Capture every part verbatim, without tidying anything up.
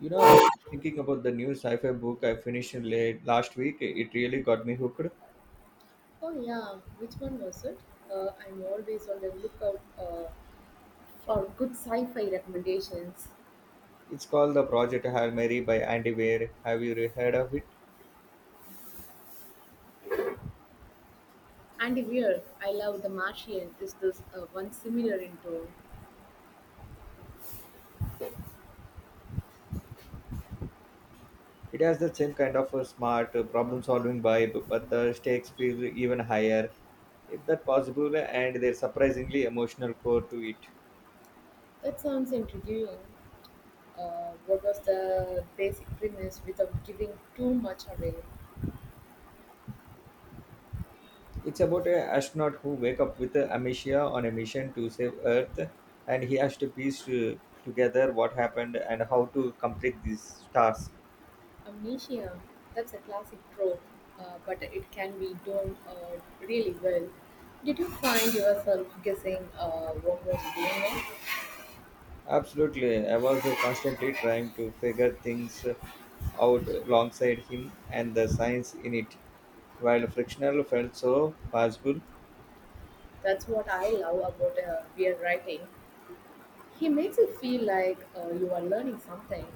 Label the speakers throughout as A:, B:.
A: You know, I was thinking about the new sci-fi book I finished late last week. It really got me hooked.
B: Oh yeah, which one was it? Uh, I'm always on the lookout uh, for good sci-fi recommendations.
A: It's called The Project Hail Mary by Andy Weir. Have you re- heard of it?
B: Andy Weir, I love The Martian. Is this uh, one similar in tone?
A: It has the same kind of a smart uh, problem-solving vibe, but the stakes feel even higher, if that possible, and there's surprisingly emotional core to it.
B: That sounds intriguing. Uh, what was the basic premise without giving too much away?
A: It's about an astronaut who wake up with uh, amnesia on a mission to save Earth, and he has to piece uh, together what happened and how to complete this task.
B: Amnesia. That's a classic trope, uh, but it can be done uh, really well. Did you find yourself guessing uh, what was going on?
A: Absolutely. I was uh, constantly trying to figure things out alongside him and the science in it. While frictional felt so possible,
B: That's what I love about uh, weird writing. He makes it feel like uh, you are learning something,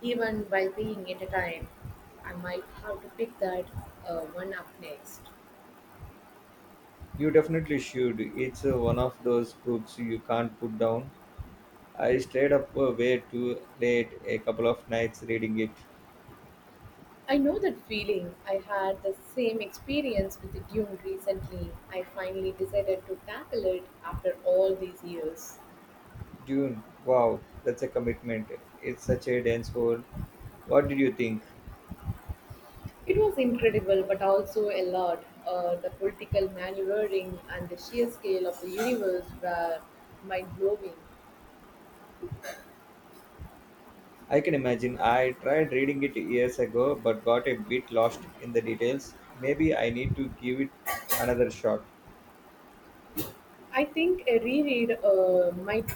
B: even while being entertained. I might have to pick that uh, one up next.
A: you definitely should. It's uh, one of those books you can't put down. I stayed up uh, way too late a couple of nights reading it.
B: I know that feeling. I had the same experience with Dune recently. I finally decided to tackle it after all these years.
A: Dune, wow, that's a commitment. It's such a dense world. What did you think?
B: It was incredible, but also a lot. Uh, the political maneuvering and the sheer scale of the universe were mind blowing.
A: I can imagine. I tried reading it years ago but got a bit lost in the details. Maybe I need to give it another shot.
B: I think a reread uh, might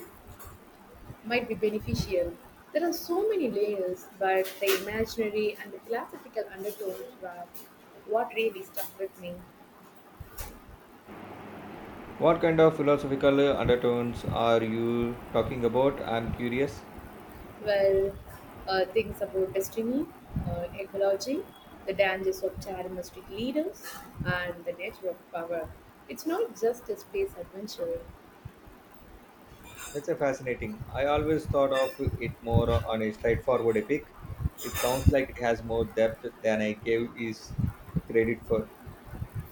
B: might be beneficial. There are so many layers, but the imaginary and the philosophical undertones were what really stuck with me.
A: What kind of philosophical undertones are you talking about? I'm curious.
B: Well, uh, things about destiny, uh, ecology, the dangers of charismatic leaders, and the nature of power. It's not just a space adventure.
A: That's a fascinating. I always thought of it more on a straightforward epic. It sounds like it has more depth than I gave is credit for.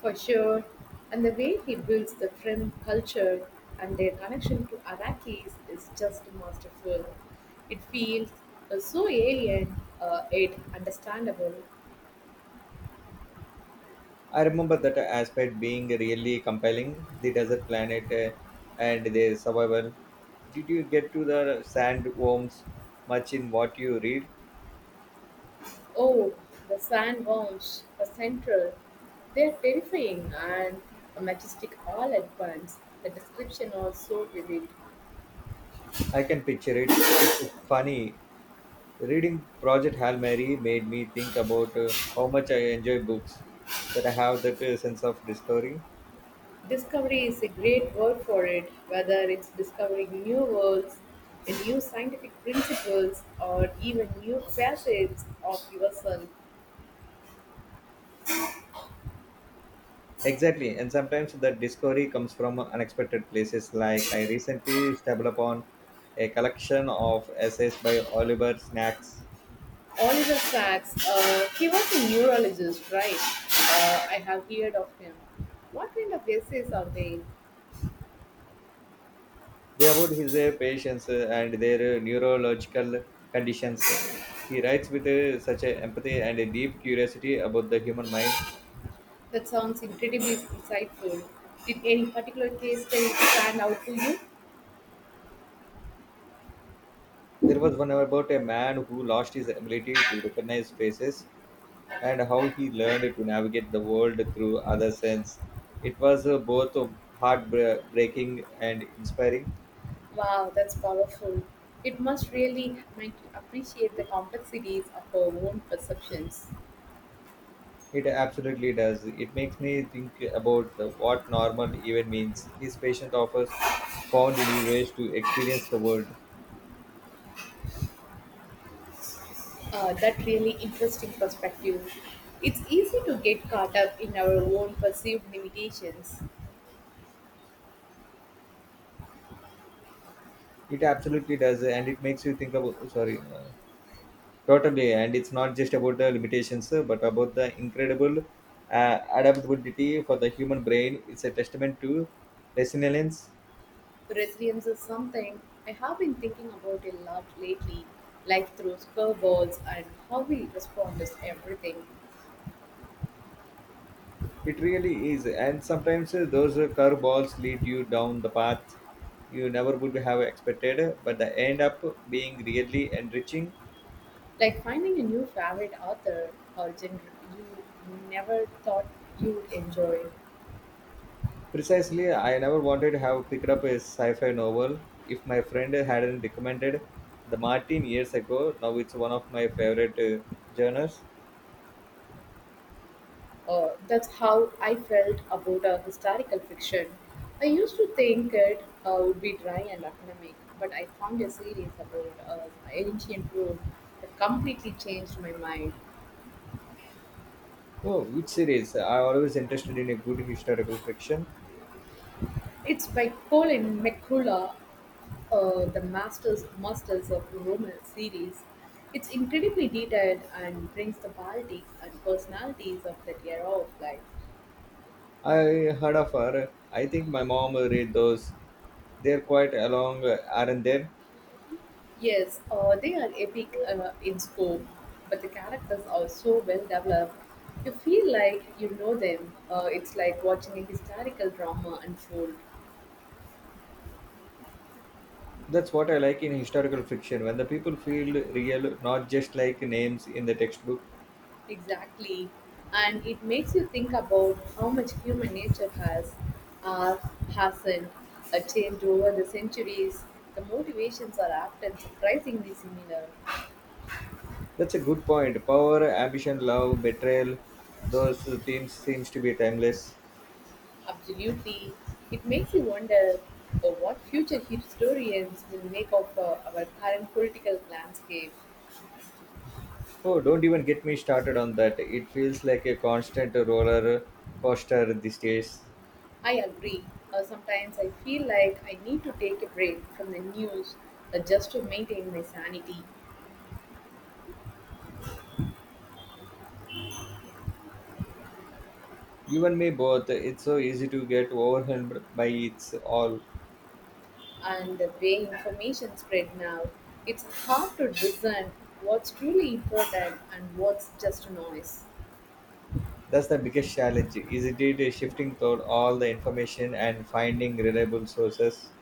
B: For sure. And the way he builds the Frim culture and their connection to Arakis is just masterful. It feels uh, so alien, uh, yet understandable.
A: I remember that aspect being really compelling. The desert planet uh, and their survival. Did you get to the sandworms much in what you read?
B: Oh, the sandworms, the central, they're terrifying and majestic all at once. The description are so vivid.
A: I can picture it. It's funny. Reading Project Hail Mary made me think about uh, how much I enjoy books that I have that uh, sense of discovery.
B: Discovery is a great word for it, whether it's discovering new worlds, new scientific principles, or even new facets of yourself.
A: Exactly, and sometimes that discovery comes from unexpected places. Like I recently stumbled upon a collection of essays by Oliver Snacks.
B: Oliver Sacks, uh, he was a neurologist, right? Uh, I have heard of him. What kind of essays are they?
A: They about his uh, patients uh, and their uh, neurological conditions. He writes with uh, such a empathy and a deep curiosity about the human mind.
B: That sounds incredibly insightful. Did any particular case study stand out to you?
A: There was one about a man who lost his ability to recognize faces and how he learned to navigate the world through other sense. It was uh, both um, heartbreaking and inspiring.
B: Wow, that's powerful. It must really make you appreciate the complexities of our own perceptions.
A: It absolutely does. It makes me think about the, what normal even means. His patient offers found new ways to experience the world.
B: Uh, that really interesting perspective. It's easy to get caught up in our own perceived limitations.
A: It absolutely does, and it makes you think about. Sorry, uh, totally, and it's not just about the limitations, uh, but about the incredible uh, adaptability for the human brain. It's a testament to resilience.
B: Resilience is something I have been thinking about a lot lately. Life throws curveballs and how we respond is everything.
A: It really is, and sometimes uh, those uh, curveballs lead you down the path you never would have expected, but they end up being really enriching.
B: Like finding a new favorite author or genre you never thought you'd enjoy.
A: Precisely, I never wanted to have picked up a sci fi novel. If my friend hadn't recommended The Martin years ago, now it's one of my favorite uh, genres.
B: Uh, that's how I felt about uh, historical fiction. I used to think it uh, would be dry and academic, but I found a series about uh, ancient Rome that completely changed my mind.
A: Oh, which series? I always interested in a good historical fiction.
B: It's by Colin McCullough, uh, the Masters Masters of Rome series. It's incredibly detailed and brings the politics and personalities of that era of life.
A: I heard of her. I think my mom read those. They're quite along, uh, aren't they?
B: Yes, uh, they are epic uh, in scope, but the characters are so well developed. You feel like you know them. Uh, it's like watching a historical drama unfold.
A: That's what I like in historical fiction, when the people feel real, not just like names in the textbook.
B: Exactly. And it makes you think about how much human nature has, uh, hasn't uh, changed over the centuries. The motivations are often surprisingly similar.
A: That's a good point. Power, ambition, love, betrayal, those themes seems to be timeless.
B: Absolutely. It makes you wonder uh, what future historians will make of uh, our current political landscape.
A: Oh, don't even get me started on that. It feels like a constant roller coaster these days.
B: I agree. Uh, sometimes I feel like I need to take a break from the news uh, just to maintain my sanity.
A: You and me both, it's so easy to get overwhelmed by it's all.
B: And the way information spread now, it's hard to discern what's truly important and what's just noise.
A: That's the biggest challenge, isn't it? Shifting through all the information and finding reliable sources.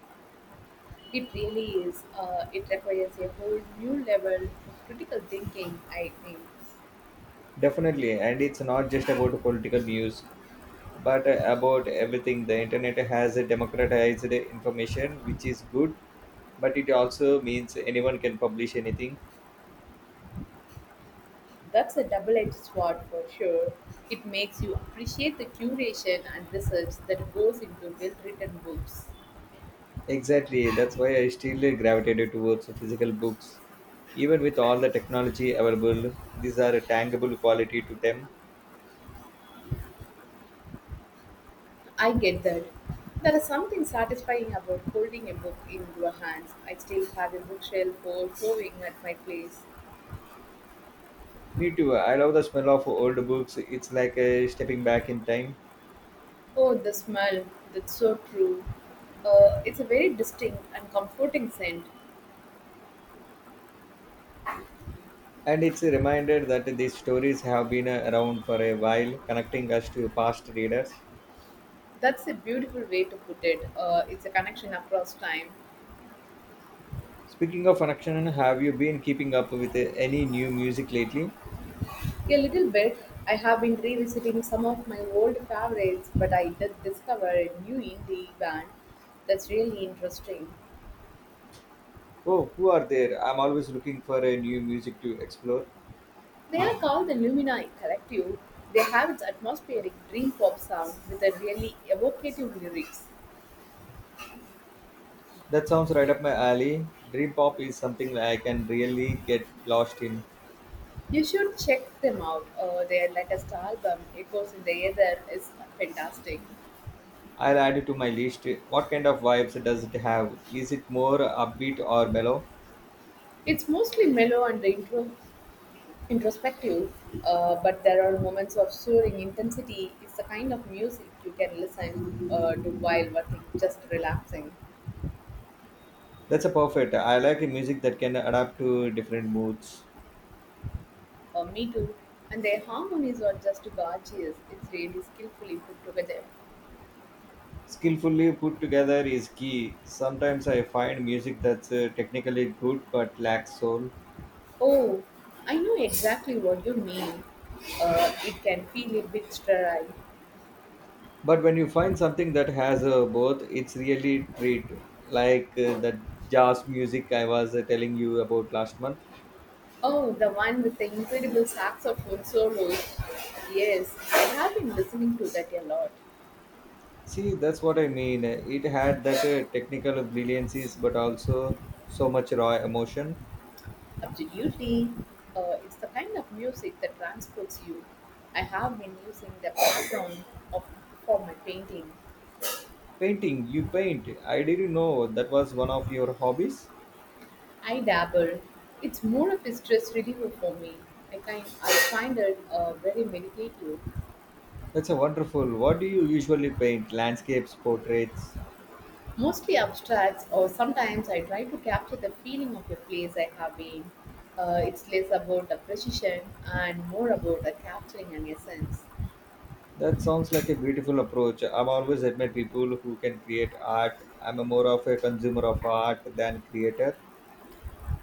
B: It really is. Uh, it requires a whole new level of critical thinking, I think.
A: Definitely, and it's not just about political news, but about everything. The internet has democratized information, which is good but it also means anyone can publish anything.
B: That's a double-edged sword for sure. It makes you appreciate the curation and research that goes into well-written books.
A: Exactly, that's why I still gravitated towards physical books. Even with all the technology available, these are a tangible quality to them.
B: I get that. There is something satisfying about holding a book in your hands. I still have a bookshelf full, overflowing at my place.
A: Me too, I love the smell of old books. It's like uh, stepping back in time.
B: Oh, the smell. That's so true. Uh, it's a very distinct and comforting scent.
A: And it's a reminder that these stories have been uh, around for a while, connecting us to past readers.
B: That's a beautiful way to put it. Uh, it's a connection across time.
A: Speaking of connection, have you been keeping up with uh, any new music lately?
B: A little bit. I have been revisiting some of my old favorites, but I did discover a new indie band that's really interesting.
A: Oh, who are there? I'm always looking for a new music to explore.
B: They are called the Lumina Collective. They have its atmospheric dream pop sound with a really evocative lyrics.
A: That sounds right up my alley. Dream pop is something I can really get lost in.
B: You should check them out. Uh, their latest album, Echoes in the Aether, is fantastic.
A: I'll add it to my list. What kind of vibes does it have? Is it more upbeat or mellow?
B: It's mostly mellow and intro- introspective, uh, but there are moments of soaring intensity. It's the kind of music you can listen uh, to while working, just relaxing.
A: That's a perfect. I like a music that can adapt to different moods.
B: Uh, me too. And their harmonies are just gorgeous. It's really skillfully put together.
A: Skillfully put together is key. Sometimes I find music that's uh, technically good but lacks soul.
B: Oh, I know exactly what you mean. Uh, it can feel a bit sterile.
A: But when you find something that has uh, both, it's really treat. Like uh, the jazz music I was uh, telling you about last month.
B: Oh, the one with the incredible saxophone solos. Yes, I have been listening to that a lot.
A: See, that's what I mean. It had that uh, technical brilliances, but also so much raw emotion.
B: Absolutely. Uh, it's the kind of music that transports you. I have been using the background of, for my painting.
A: Painting, you paint. I didn't know that was one of your hobbies.
B: I dabble. It's more of a stress reliever for me. I, kind, I find it uh, very meditative,
A: That's a wonderful. What do you usually paint? Landscapes, portraits.
B: mostly abstracts, or sometimes I try to capture the feeling of a place I have been. Uh, it's less about the precision and more about the capturing an essence.
A: That sounds like a beautiful approach. I've always admired people who can create art. I'm a more of a consumer of art than creator.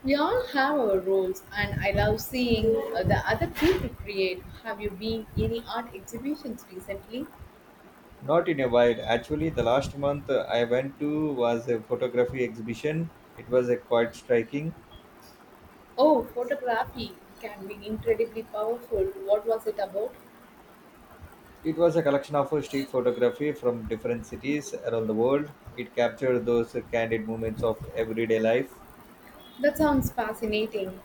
B: We all have our roles, and I love seeing uh, the other people create. Have you been any art exhibitions recently?
A: Not in a while. Actually, the last month uh, I went to was a photography exhibition. It was a quite striking.
B: Oh, photography can be incredibly powerful. What was it about?
A: It was a collection of street photography from different cities around the world. It captured those candid moments of everyday life.
B: That sounds fascinating.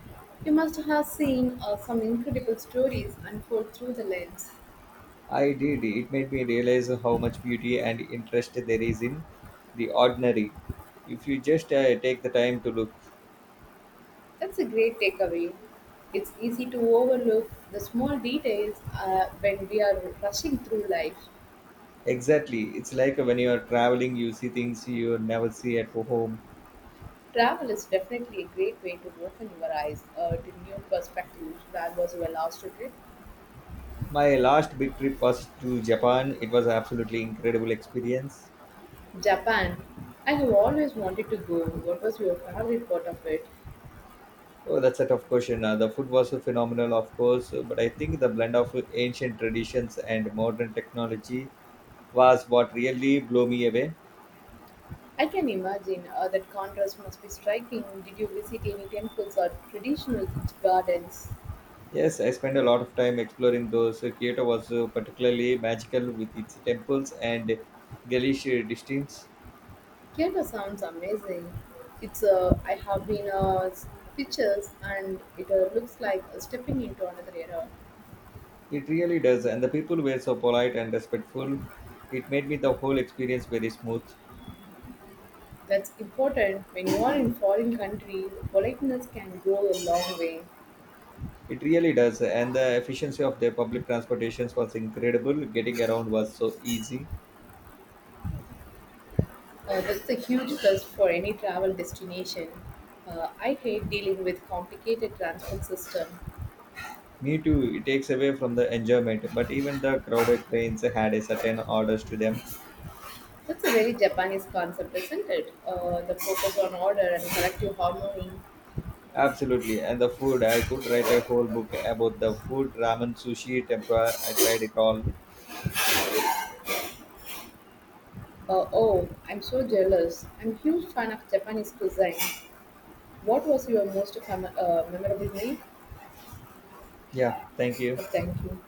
B: You must have seen uh, some incredible stories unfold through the lens.
A: I did. It made me realize how much beauty and interest there is in the ordinary. If you just uh, take the time to look.
B: That's a great takeaway. It's easy to overlook the small details uh, when we are rushing through life.
A: Exactly. It's like when you are traveling, you see things you never see at home.
B: Travel is definitely a great way to open your eyes uh, to new perspectives. Where was your last trip?
A: My last big trip was to Japan. It was absolutely incredible experience.
B: Japan. I have always wanted to go. What was your favorite part of it?
A: Oh, that's a tough question. Uh, the food was so phenomenal, of course, but I think the blend of ancient traditions and modern technology was what really blew me away.
B: I can imagine uh, that contrast must be striking. Did you visit any temples or traditional gardens?
A: Yes, I spent a lot of time exploring those. Uh, Kyoto was uh, particularly magical with its temples and Galish distance.
B: Kyoto sounds amazing. It's uh, I have been uh, pictures and it uh, looks like uh, stepping into another era.
A: It really does, and the people were so polite and respectful. It made me the whole experience very smooth.
B: That's important. When you are in foreign country, politeness can go a long way.
A: It really does, and the efficiency of their public transportations was incredible. Getting around was so easy.
B: Uh, that's a huge plus for any travel destination. Uh, I hate dealing with complicated transport system.
A: Me too, it takes away from the enjoyment, but even the crowded trains had a certain orders to them.
B: That's a very Japanese concept, isn't it? Uh, the focus on order and collective harmony.
A: Absolutely, and the food, I could write a whole book about the food, ramen, sushi, tempura, I tried it all.
B: Uh, oh, I'm so jealous. I'm huge fan of Japanese cuisine. What was your most com- uh, memorable meal?
A: Yeah, thank you.
B: Uh, thank you.